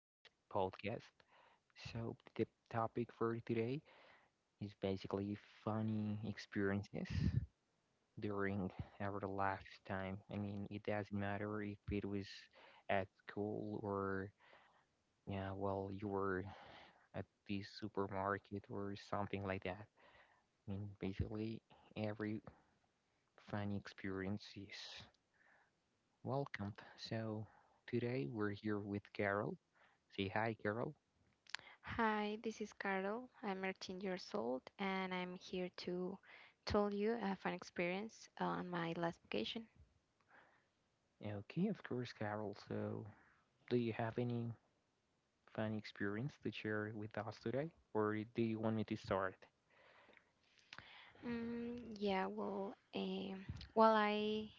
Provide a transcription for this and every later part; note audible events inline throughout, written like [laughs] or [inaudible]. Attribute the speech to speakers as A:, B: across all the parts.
A: this podcast. So the topic for today is basically funny experiences during our lifetime. I mean, it doesn't matter if it was at school or yeah, well, you were at the supermarket or something like that. I mean, basically every funny experience is welcome. So today we're here with Carol. Say hi, Carol.
B: Hi, this is Carol. I'm 18 years old and I'm here to tell you a fun experience on my last vacation.
A: Okay, of course, Carol. So, do you have any fun experience to share with us today, or do you want me to start?
B: Yeah, well, while I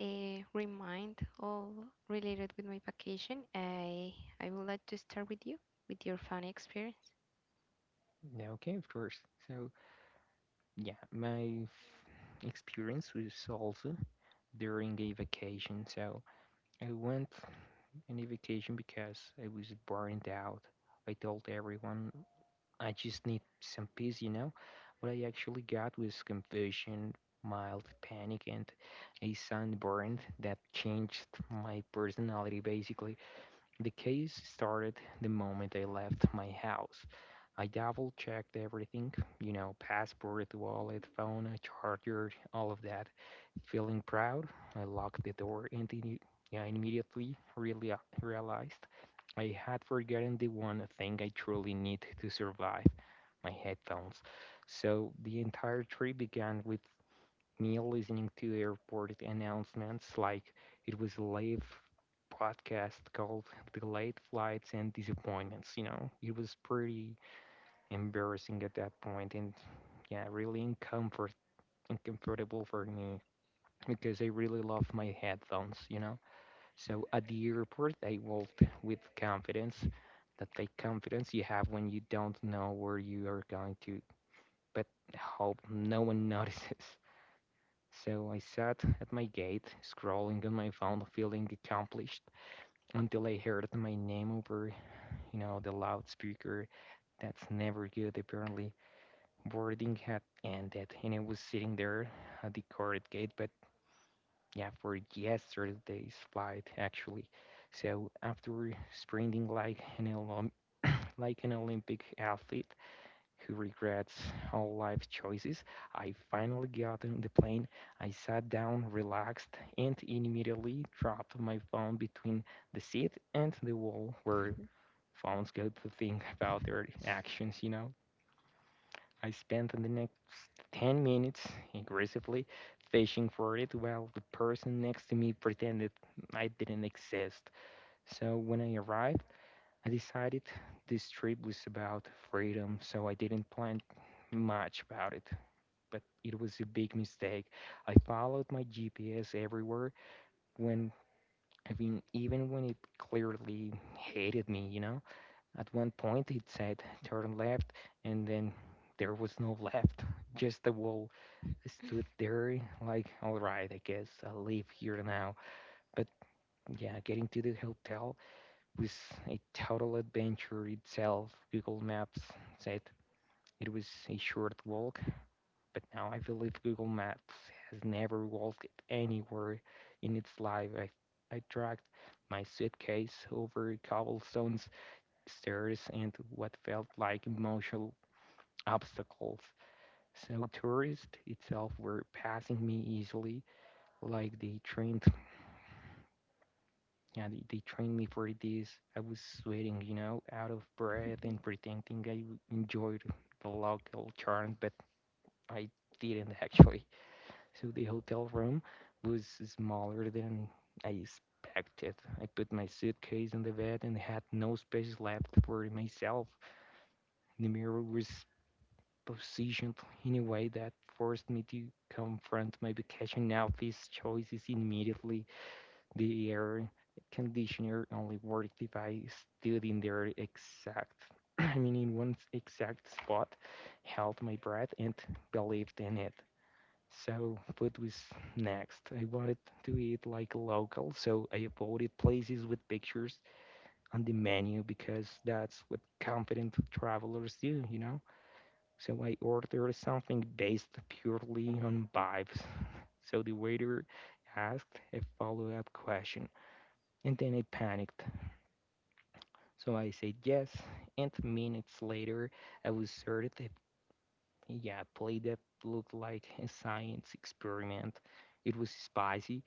B: uh, remind all related with my vacation, I would like to start with you with your funny experience.
A: Yeah, okay, of course. So, yeah, my experience was also during a vacation. So, I went on a vacation because I was burned out. I told everyone I just need some peace, you know. What I actually got was confusion, mild panic, and a sunburn that changed my personality basically. The case started the moment I left my house. I double checked everything, you know, passport, wallet, phone, charger, all of that. Feeling proud, I locked the door and I immediately really realized I had forgotten the one thing I truly need to survive, my headphones. So the entire trip began with me listening to airport announcements like it was a live podcast called Delayed Flights and Disappointments. You know, it was pretty embarrassing at that point and yeah, really uncomfortable for me because I really love my headphones, you know. So at the airport I walked with confidence, that fake confidence you have when you don't know where you are going to, but hope no one [laughs] notices. So I sat at my gate, scrolling on my phone, feeling accomplished, until I heard my name over, you know, the loudspeaker. That's never good, apparently. Boarding had ended, and I was sitting there at the court gate, but yeah, for yesterday's flight, actually. So after sprinting like an like an Olympic athlete, who regrets all life choices. I finally got on the plane. I sat down, relaxed, and immediately dropped my phone between the seat and the wall where phones go to think about their actions, you know. I spent the next 10 minutes aggressively fishing for it while the person next to me pretended I didn't exist. So when I arrived, I decided this trip was about freedom, so I didn't plan much about it. But it was a big mistake. I followed my GPS everywhere when, I mean, even when it clearly hated me, you know? At one point it said turn left, and then there was no left, just the wall. I stood there, like, alright, I guess I'll leave here now. But yeah, getting to the hotel was a total adventure itself. Google Maps said it was a short walk, but now I believe Google Maps has never walked anywhere in its life. I dragged my suitcase over cobblestones, stairs, and what felt like emotional obstacles. So tourists itself were passing me easily, like they trained. Yeah, they trained me for this. I was sweating, you know, out of breath and
B: [laughs]
A: pretending I enjoyed the local charm, but I didn't [laughs] actually. So the hotel room was smaller than I expected. I put my suitcase on the bed and had no space left for myself. The mirror was positioned in a way that forced me to confront my vacation outfit choices immediately. The air conditioner only worked if I stood in their exact, [clears throat] I mean, in one exact spot, held my breath, and believed in it. So food was next. I wanted to eat like local, so I avoided places with pictures on the menu because that's what confident travelers do, you know? So I ordered something based purely on vibes. [laughs] So the waiter asked a follow-up question. And then I panicked. So I said yes, and minutes later, I was certain that, yeah, a play that looked like a science experiment. It was spicy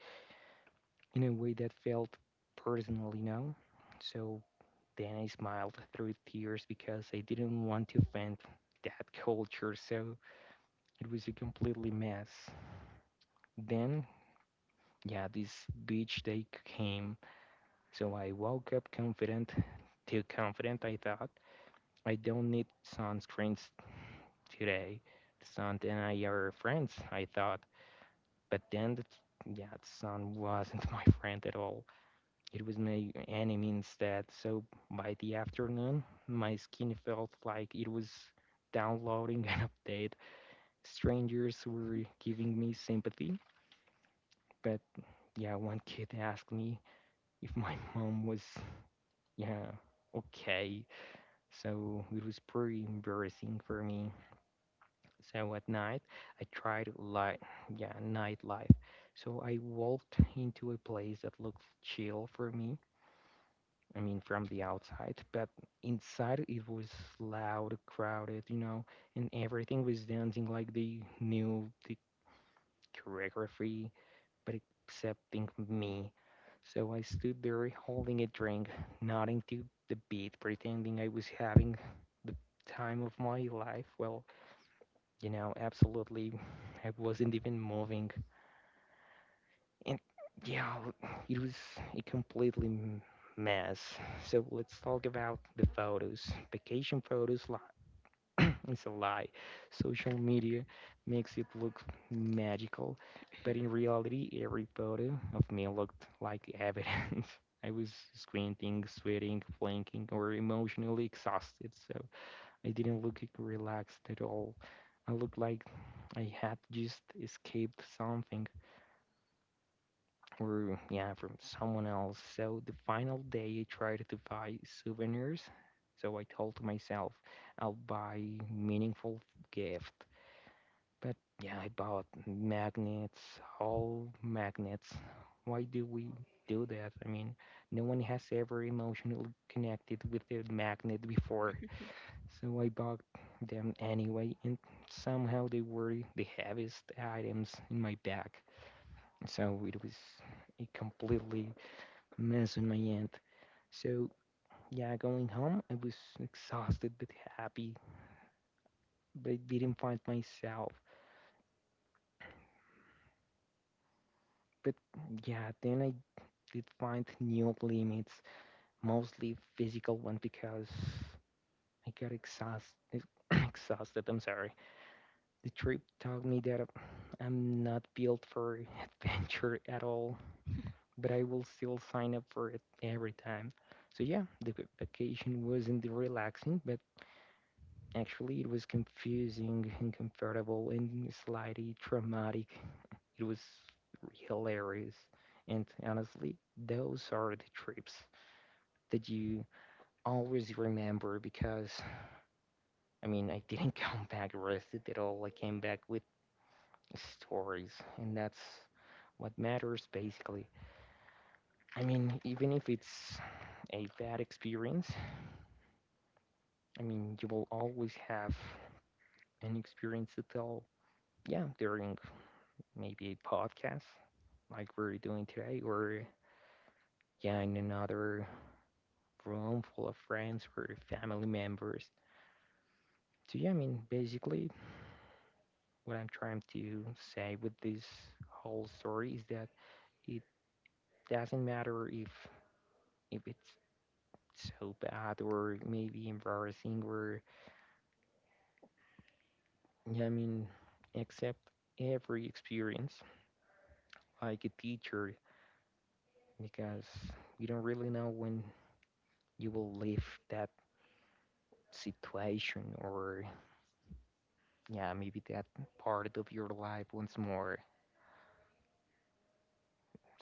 A: in a way that felt personal, you know? So then I smiled through tears because I didn't want to offend that culture, so it was a completely mess. Then, yeah, this beach day came, so I woke up confident, too confident, I thought I don't need sunscreens today. Sun and I are friends, I thought. But then, yeah, the sun wasn't [laughs] my friend at all. It was my enemy instead. So by the afternoon, my skin felt like it was downloading [laughs] an update. Strangers were giving me sympathy. But yeah, one kid asked me if my [laughs] mom was, yeah, okay. So it was pretty embarrassing for me. So at night, I tried like yeah, nightlife. So I walked into a place that looked chill for me. I mean, from the outside, but inside it was loud, crowded, you know, and everything was dancing like they knew the choreography, but excepting me. So I stood there holding a drink, nodding to the beat, pretending I was having the time of my life. Well, you know, absolutely. I wasn't even moving. And yeah, it was a completely mess. So let's talk about the photos. Vacation photos lie. It's a lie. Social media makes it look magical, but in reality, every photo of me looked like evidence. [laughs] I was squinting, sweating, blinking, or emotionally exhausted. So I didn't look relaxed at all. I looked like I had just escaped something, or yeah, from someone else. So the final day, I tried to buy souvenirs. So I told myself I'll buy meaningful gift. But yeah, I bought magnets, all magnets. Why do we do that? I mean, no one has ever emotionally connected with a magnet before. So I bought them anyway, and somehow they were the heaviest items in my bag. So it was a completely mess on my end. So yeah, going home, I was exhausted but happy, but I didn't find myself. But yeah, then I did find new limits, mostly physical one because I got exhausted. [coughs] Exhausted. I'm sorry. The trip taught me that I'm not built for [laughs] adventure at all, but I will still sign up for it every time. So yeah, the vacation wasn't relaxing, but actually it was confusing, uncomfortable, and slightly traumatic. It was hilarious. And honestly, those are the trips that you always remember because I mean, I didn't [laughs] come back rested at all. I came back with stories, and that's what matters basically. I mean, even if it's a bad experience, I mean, you will always have an experience to tell, yeah, during maybe a podcast like we're doing today, or yeah, in another room full of friends or family members. So, yeah, I mean, basically, what I'm trying to say with this whole story is that it doesn't matter if it's so bad or maybe embarrassing or yeah, I mean, accept every experience like a teacher because you don't really know when you will leave that situation or yeah, maybe that part of your life once more.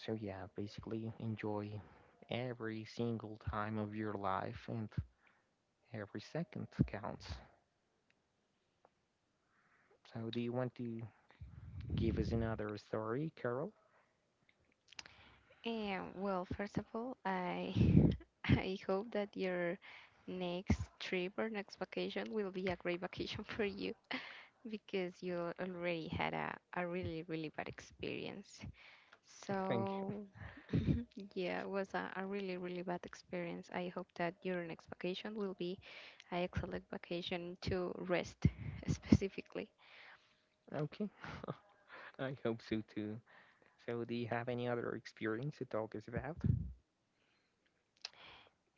A: So yeah, basically enjoy every single time of your life and every second counts. So do you want to give us another story, Carol?
B: And well, first of all, I [laughs] I hope that your next trip or next vacation will be a great vacation [laughs] for you, because you already had a really, really bad experience.
A: [laughs] Thank you.
B: So, yeah, it was a really, really bad experience. I hope that your next vacation will be an excellent vacation to rest [laughs] specifically.
A: Okay. [laughs] I hope so too. So, do you have any other experience to talk us about?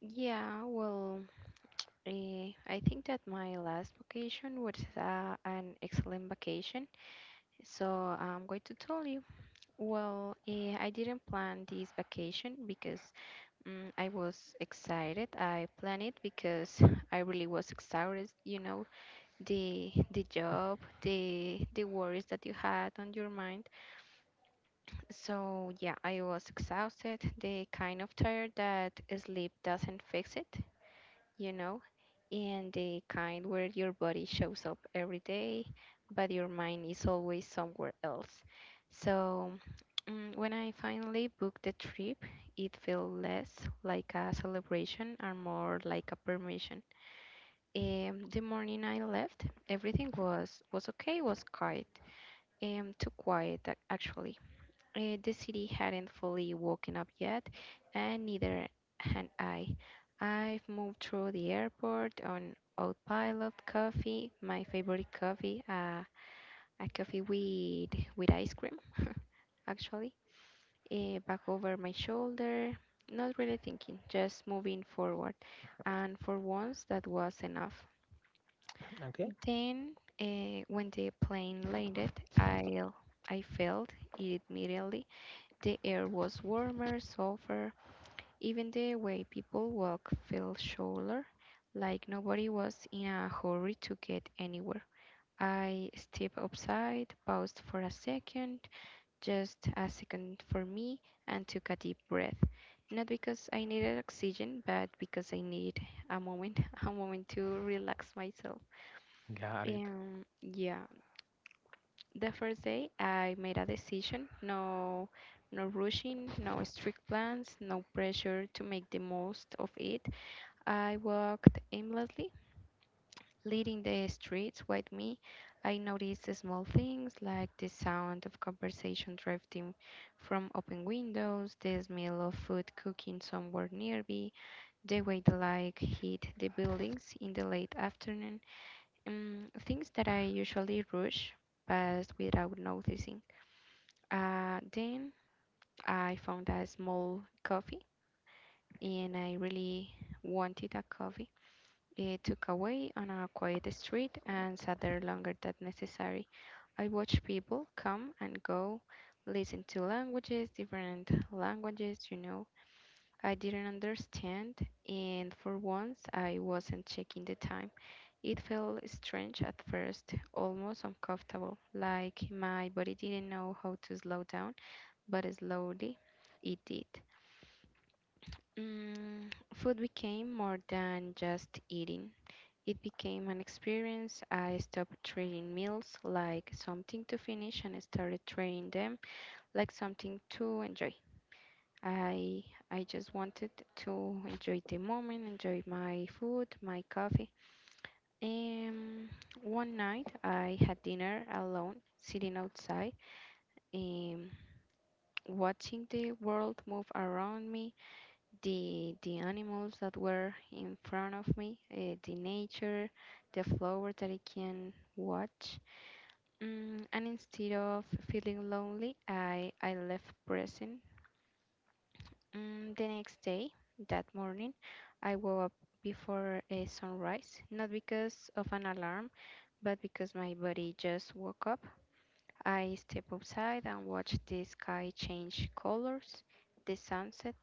B: Yeah, well, I think that my last vacation was an excellent vacation. So I'm going to tell you. Well, I didn't plan this vacation because I was excited. I planned it because [laughs] I really was exhausted, you know, the job, the worries that you had on your mind. So yeah, I was exhausted, the kind of tired that sleep doesn't fix it, you know, and the kind where your body shows up every day, but your mind is always somewhere else. So, when I finally booked the trip, it felt less like a celebration and more like a permission. The morning I left, everything was okay, was quiet, too quiet actually. The city hadn't fully woken up yet, and neither had I. I've moved through the airport on autopilot, coffee, my favorite coffee, a coffee with ice cream, [laughs] actually, back over my shoulder, not really thinking, just moving forward. And for once, that was enough.
A: Okay,
B: Then, when the plane landed, I, I felt it immediately. The air was warmer, softer. Even the way people walked felt shoulder, like nobody was in a hurry to get anywhere. I stepped outside, paused for a second, just a second for me, and took a deep breath. Not because I needed oxygen, but because I needed a moment, [laughs] a moment to relax myself.
A: got it.
B: Yeah, the first day, I made a decision, no rushing, no strict plans, no pressure to make the most of it. I walked aimlessly, leading the streets with me. I noticed the small things like the sound of conversation drifting from open windows, the smell of food cooking somewhere nearby, the way the light hit the buildings in the late afternoon, things that I usually rush past without noticing. Then I found a small coffee and I really wanted a coffee. I took away on a quiet street and sat there longer than necessary. I watched people come and go, listen to languages, different languages, you know. I didn't understand, and for once I wasn't checking the time. It felt strange at first, almost uncomfortable, like my body didn't know how to slow down, but slowly it did. Mm, food became more than just eating. It became an experience. I stopped treating meals like something to finish and started treating them like something to enjoy. I I just wanted to enjoy the moment, enjoy my food, my coffee. Um, One night I had dinner alone, sitting outside, um, watching the world move around me, the animals that were in front of me, the nature, the flower that I can watch. Mm, and instead of feeling lonely, I left present. Mm, the next day, that morning, I woke up before a sunrise, not because of an alarm, but because my body just woke up. I step outside and watch the sky change colors, the sunset,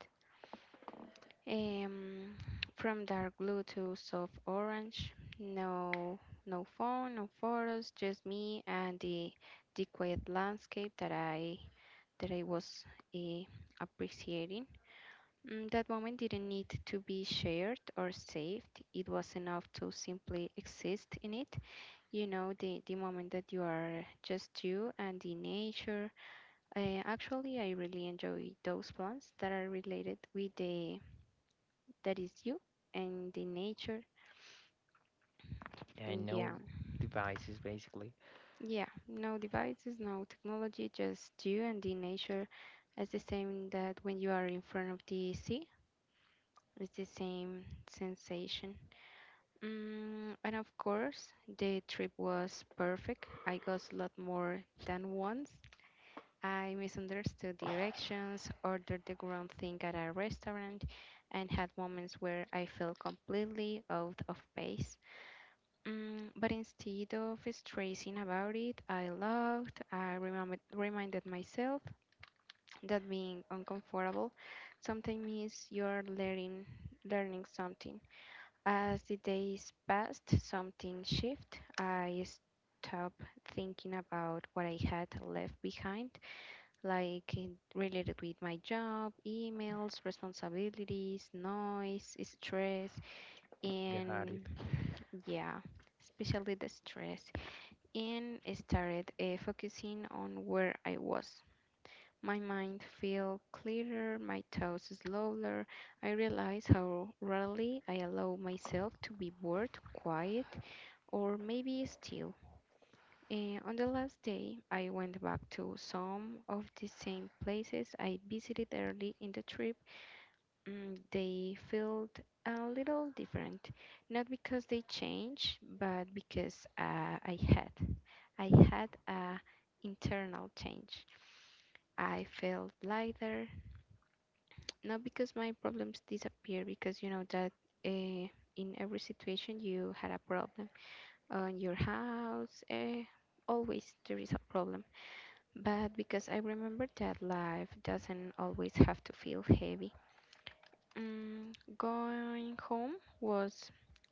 B: Um, from dark blue to soft orange. No, no phone, no photos, just me and the quiet landscape that I was eh, appreciating. Mm, that moment didn't need to be shared or saved. It was enough to simply exist in it. You know, the moment that you are just you and the nature. Actually, I really enjoy those plants that are related with the that is you and the nature.
A: Yeah, I know.
B: Yeah,
A: Devices basically.
B: yeah, no devices, no technology, just you and the nature. It's the same that when you are in front of the sea, it's the same sensation. Mm, and of course, the trip was perfect. I got a lot more than once. I misunderstood directions, ordered the wrong thing at a restaurant, and had moments where I felt completely out of place. Mm, but instead of stressing about it, I laughed. I remembered, reminded myself that being uncomfortable sometimes means you're learning, learning something. As the days passed, something shifted. I stopped thinking about what I had left behind, like it related with my job, emails, responsibilities, noise, stress,
A: Got it.
B: and yeah, especially the stress, and started focusing on where I was. My mind felt clearer, my thoughts slower. I realized how rarely I allow myself to be bored, quiet, or maybe still. Eh, on the last day, I went back to some of the same places I visited early in the trip. Mm, they felt a little different, not because they changed, but because I had. I had a internal change. I felt lighter, not because my problems disappeared, because you know that uh, in every situation you had a problem. On your house, always there is a problem. But because I remember that life doesn't always have to feel heavy. Mm, going home was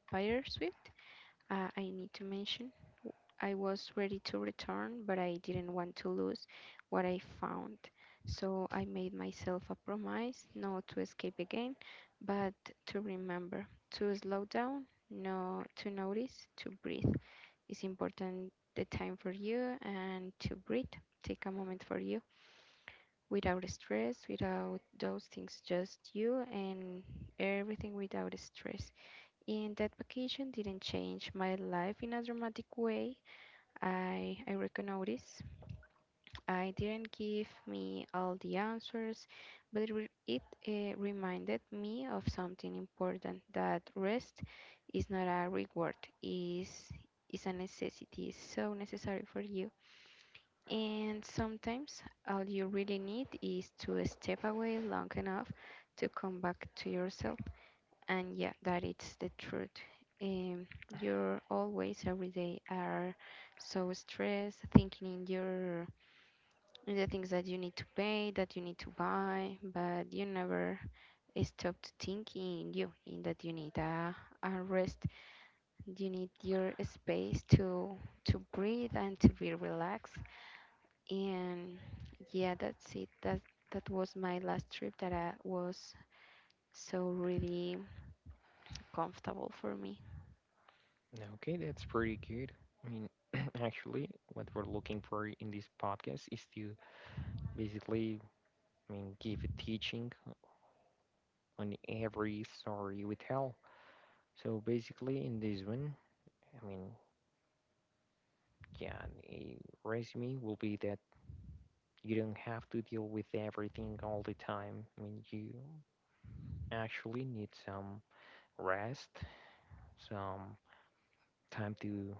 B: fire swift. I need to mention w- I was ready to return, but I didn't want to lose what I found. So I made myself a promise not to escape again, but to remember to slow down, no, to notice, to breathe. It's important the time for you and to breathe. Take a moment for you without stress, without those things, just you and everything without stress. And that vacation didn't change my life in a dramatic way. I recognize I didn't give me all the answers, but it reminded me of something important, that rest is not a reward, is is a necessity, it's so necessary for you. And sometimes all you really need is to step away long enough to come back to yourself, and yeah, that it's the truth. You're always, every day, are so stressed thinking in your, in the things that you need to pay, that you need to buy, but you never stopped thinking in you, in that you need a rest, you need your space to breathe and to be relaxed, and yeah, that's it, that was my last trip that I was so really comfortable for me.
A: Okay, that's pretty good. I mean, [clears throat] actually, what we're looking for in this podcast is to basically, I mean, give a teaching on every story we tell. So, basically, in this one, I mean, yeah, a resume will be that you don't have to deal with everything all the time. I mean, you actually need some rest, some time to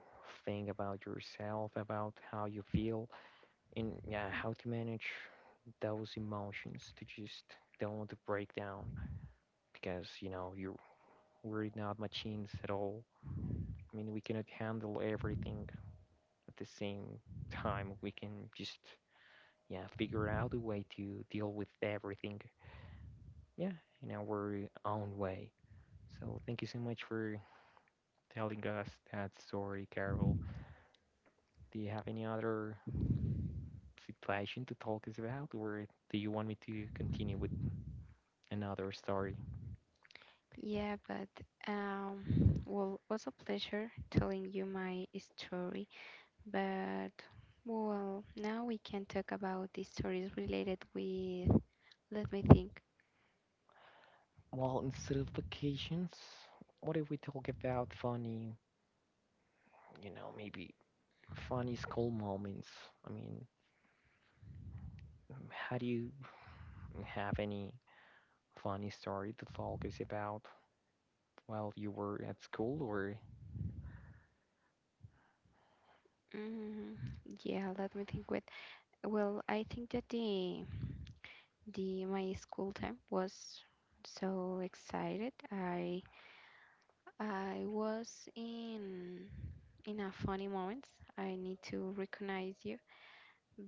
A: think about yourself, about how you feel, and yeah, how to manage those emotions to just don't break down because you know you're we're not machines at all. I mean, we cannot handle everything at the same time. We can just yeah figure out a way to deal with everything yeah in our own way. So thank you so much for telling us that story, Carol. Do you have any other situation to talk us about, or do you want me to continue with another story?
B: Yeah, but um, well, was a pleasure telling you my story. But well, now we can talk about the stories related with. Let me think.
A: Well, instead of vacations, what if we talk about funny, you know, maybe funny school moments? I mean, how do you have any funny story to talk us about while you were at school or
B: Mm, yeah, let me think. With well, I think that the my school time was so excited. I was in a funny moments. I need to recognize you.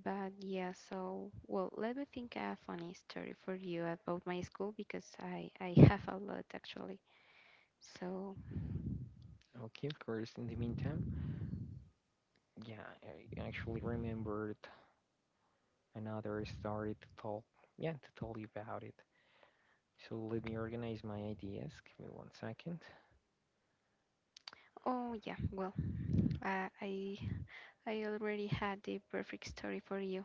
B: But yeah, so well, let me think a funny story for you about my school, because I [laughs] have a lot, actually. So,
A: okay, of course, in the meantime? Yeah, I actually remembered another started to talk, yeah, to tell you about it. So let me organize my ideas. Give me one second.
B: oh yeah, well, uh, I I already had the perfect story for you.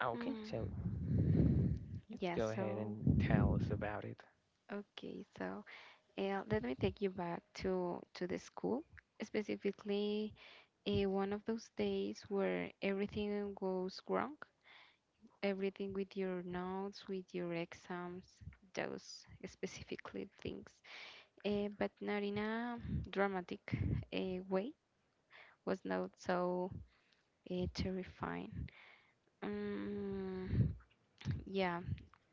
A: Okay, so
B: Mm,
A: yeah,
B: yeah,
A: go ahead
B: so
A: and tell us about it.
B: okay, so let me take you back to the school, specifically one of those days where everything goes wrong, everything with your notes, with your exams, those specifically things. Eh, but not in a dramatic way, was not so terrifying. Um, yeah,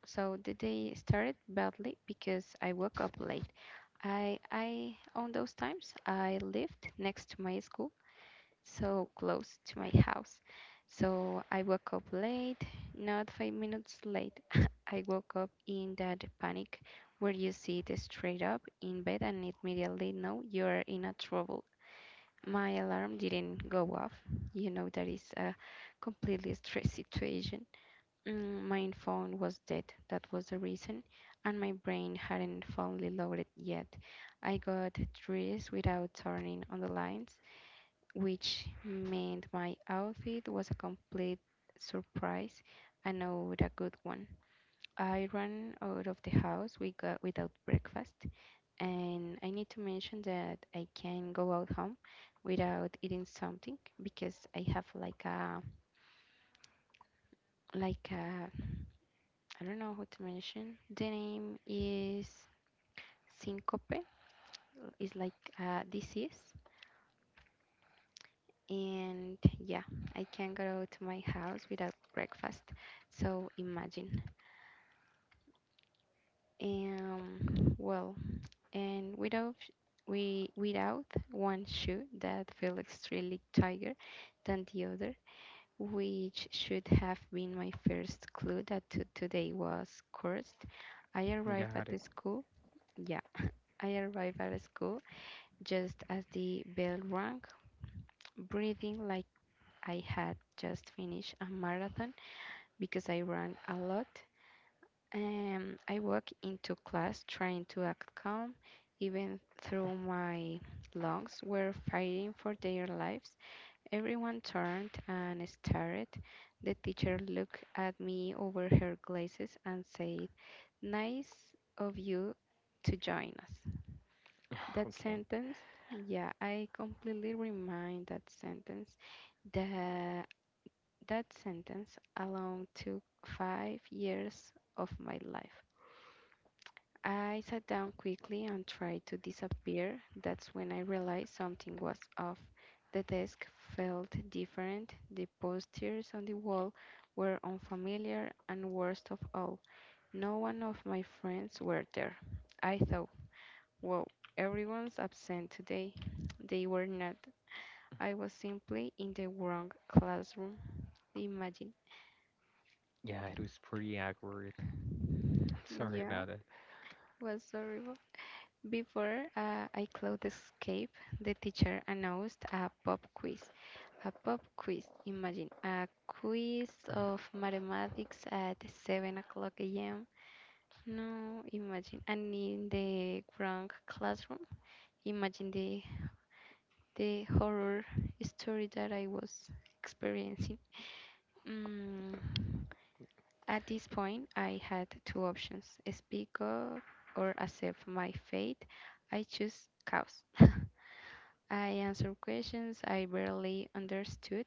B: so the day started badly because I woke up late. I On those times I lived next to my school, so close to my house. So I woke up late, not 5 minutes late. [laughs] I woke up in that panic where you sit straight up in bed and immediately know you're in a trouble. My alarm didn't go off. You know that is a completely stress situation. Mm, My phone was dead. That was the reason, and my brain hadn't fully loaded yet. I got dressed without turning on the lights, which meant my outfit was a complete surprise, and not a good one. I ran out of the house we got without breakfast, and I need to mention that I can go out home without eating something because I have like a like a I don't know how to mention. The name is syncope. It's like a disease, and yeah, I can not go to my house without breakfast. So imagine. And well, and without sh- we without one shoe that felt extremely tighter than the other, which should have been my first clue that to today was cursed. I arrived
A: Got
B: at
A: it.
B: the school. Yeah, I arrived at the school just as the bell rang, breathing like I had just finished a marathon because I ran a lot. I walk into class trying to act calm, even though my lungs were fighting for their lives. Everyone turned and stared. The teacher looked at me over her glasses and said, "Nice of you to join us."
A: [sighs]
B: That
A: Okay.
B: sentence, yeah, I completely remind that sentence. The, that sentence alone took 5 years of my life. I sat down quickly and tried to disappear. That's when I realized something was off. The desk felt different, the posters on the wall were unfamiliar, and worst of all, no one of my friends were there. I thought, wow, everyone's absent today. They were not. I was simply in the wrong classroom. The imagine,
A: Yeah, it was pretty awkward. Sorry
B: yeah,
A: about it.
B: was horrible. Before I close the escape, the teacher announced a pop quiz. A pop quiz, imagine a quiz of mathematics at 7 o'clock a.m. No, imagine. And in the wrong classroom, imagine the horror story that I was experiencing. Mm, at this point, I had two options: speak up or accept my fate. I choose chaos. [laughs] I answered questions I barely understood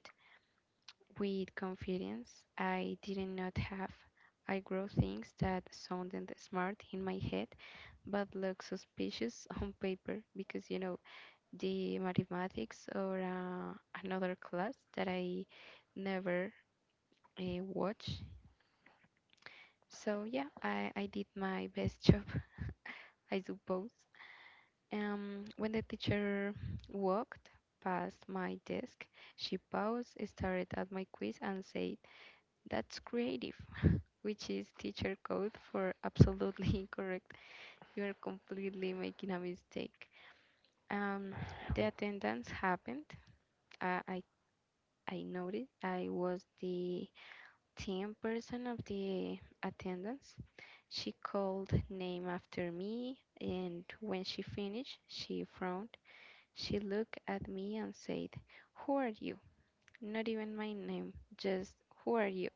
B: with confidence I did not have. I grew things that sounded smart in my head but looked suspicious [laughs] on paper because you know the mathematics or another class that I never watch. So yeah, I did my best [laughs] job, I suppose. When the teacher walked past my desk, she paused, stared at my quiz, and said, "That's creative," which is teacher code for absolutely [laughs] incorrect. You are completely making a mistake. Um,
A: [sighs]
B: the attendance happened. I, I, I noticed I was the 10th person of the attendance. She called name after me, and when she finished, she frowned. She looked at me and said, "Who are you? Not even my name, just who are you?"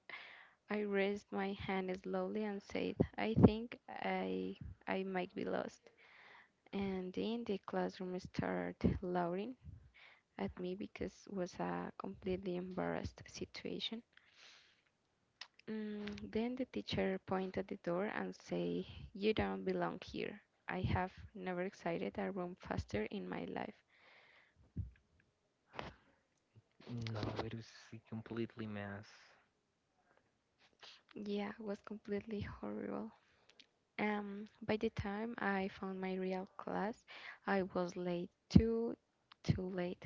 B: I raised my hand slowly and said, "I think I might be lost." And then the classroom started laughing at me because it was a completely embarrassed situation. Then the teacher pointed at the door and said, "You don't belong here." I have never exited a room faster in my life.
A: Oh, no, it was a completely mess.
B: Yeah, it was completely horrible. By the time I found my real class, I was late, too late.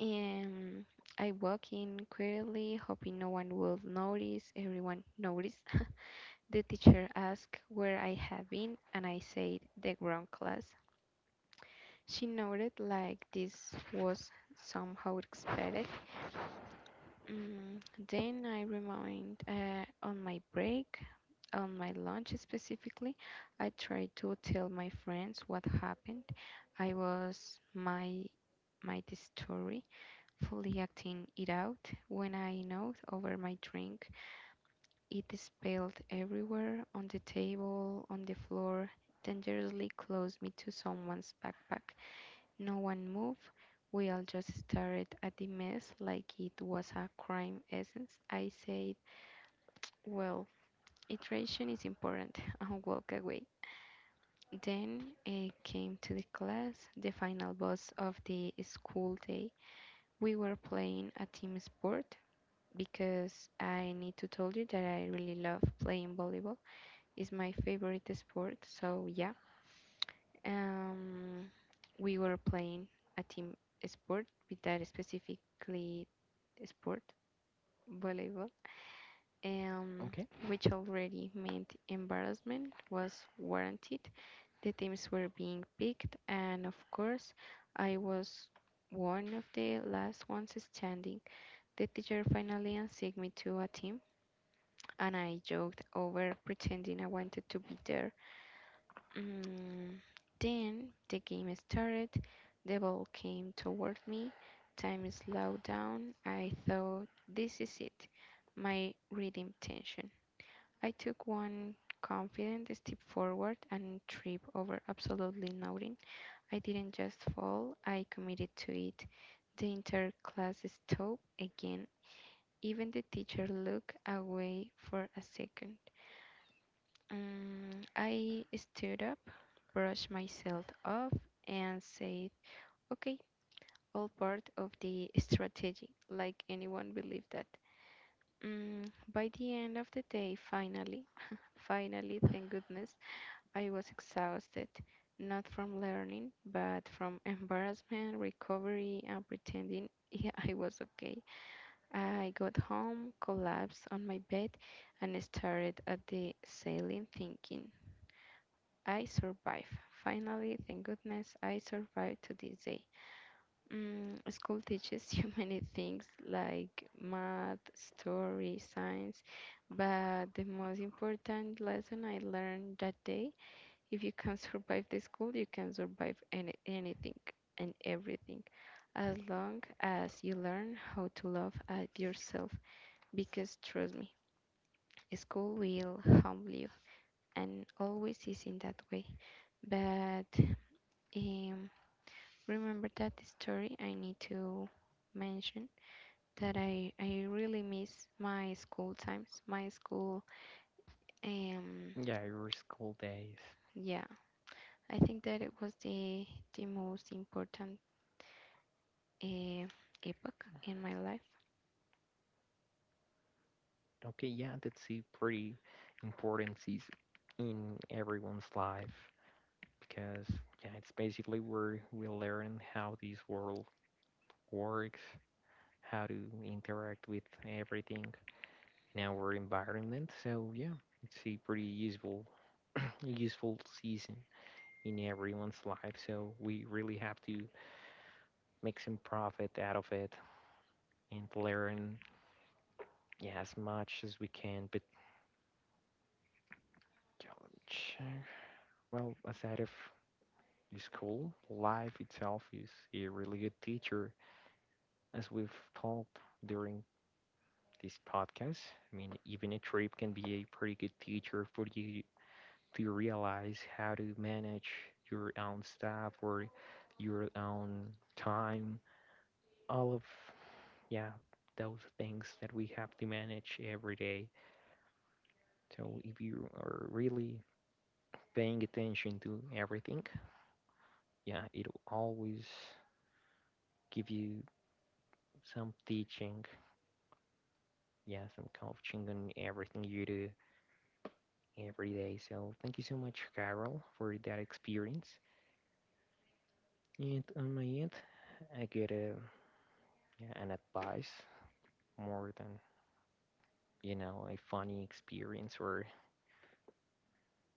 B: And I walked in quietly, hoping no one would notice. Everyone noticed. [laughs] The teacher asked where I had been, and I said the ground class. She noted like this was somehow expected. Mm, then I remained on my break, on my lunch specifically, I tried to tell my friends what happened. I was my my story, fully acting it out. When I nodded over my drink, it spilled everywhere on the table, on the floor, dangerously close me to someone's backpack. No one moved. We all just stared at the mess like it was a crime essence. I said, "Well, iteration is important," [laughs] and walked away. Then came to the class, the final boss of the school day. We were playing a team sport because I need to tell you that I really love playing volleyball. It's my favorite sport, so yeah. Um, we were playing a team sport with that specifically sport, volleyball. um,
A: Okay.
B: which already meant embarrassment was warranted. The teams were being picked, and of course, I was one of the last ones standing. The teacher finally assigned me to a team, and I joked over pretending I wanted to be there. Mm, Then the game started, the ball came toward me, time slowed down. I thought, this is it, my reading tension. I took one confident step forward and tripped over absolutely nothing. I didn't just fall, I committed to it. The entire class stopped again. Even the teacher looked away for a second. Um, I stood up, brushed myself off, and said, "Okay, all part of the strategy," like anyone believed that. Mm, by the end of the day, finally, [laughs] finally, thank goodness, I was exhausted, not from learning, but from [laughs] embarrassment, recovery, and pretending [laughs] I was okay. I got home, collapsed on my bed, and stared at the ceiling, thinking, I survived. Finally, thank goodness, I survived to this day. School teaches you [laughs] many things like math, story, science, but the most important lesson I learned that day: if you can survive the school, you can survive anything and everything, as long as you learn how to love at yourself. Because trust me, school will humble you, and always is in that way. But um, remember that story. I need to mention that I really miss my school times, my school um,
A: Yeah, your school days.
B: yeah, I think that it was the most important uh, epoch in my life.
A: Okay, yeah, that's a pretty important season in everyone's life, because yeah, it's basically where we learn how this world works, how to interact with everything in our environment. So yeah, it's a pretty useful season in everyone's life. So we really have to make some profit out of it and learn yeah, as much as we can. But yeah, well, aside of the school, life itself is a really good teacher, as we've talked during this podcast. I mean, even a trip can be a pretty good teacher for you to realize how to manage your own stuff or your own time. All of, yeah, those things that we have to manage every day. So if you are really paying attention to everything, yeah, it'll always give you some teaching, yeah, some coaching on everything you do every day. So thank you so much, Carol, for that experience. And on my end, I get a, yeah, an advice more than, you know, a funny experience or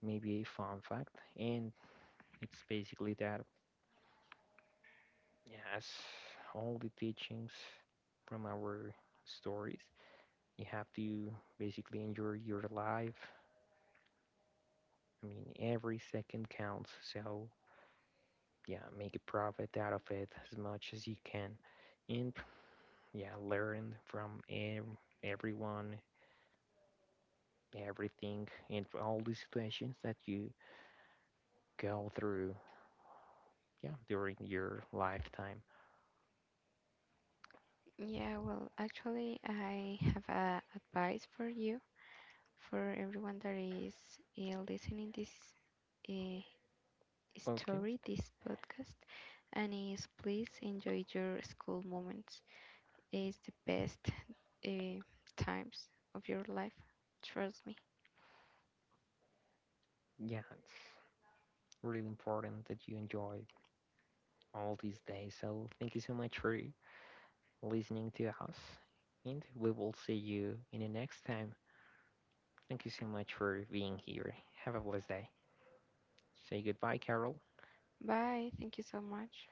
A: maybe a fun fact. And it's basically that, yeah, as all the teachings from our stories, you have to basically enjoy your life. I mean, every second counts. So, yeah, make a profit out of it as much as you can. And, yeah, learn from everyone everything and all the situations that you go through yeah during your lifetime
B: Yeah, well, actually, I have a advice for you, for everyone that is listening this uh, story,
A: podcast.
B: this podcast, and is please enjoy your school moments. It's the best uh, times of your life. Trust me.
A: Yeah, it's really important that you enjoy all these days, so thank you so much for listening to us and we will see you in the next time. Thank you so much for being here. Have a blessed day. Say goodbye, Carol.
B: Bye. Thank you so much.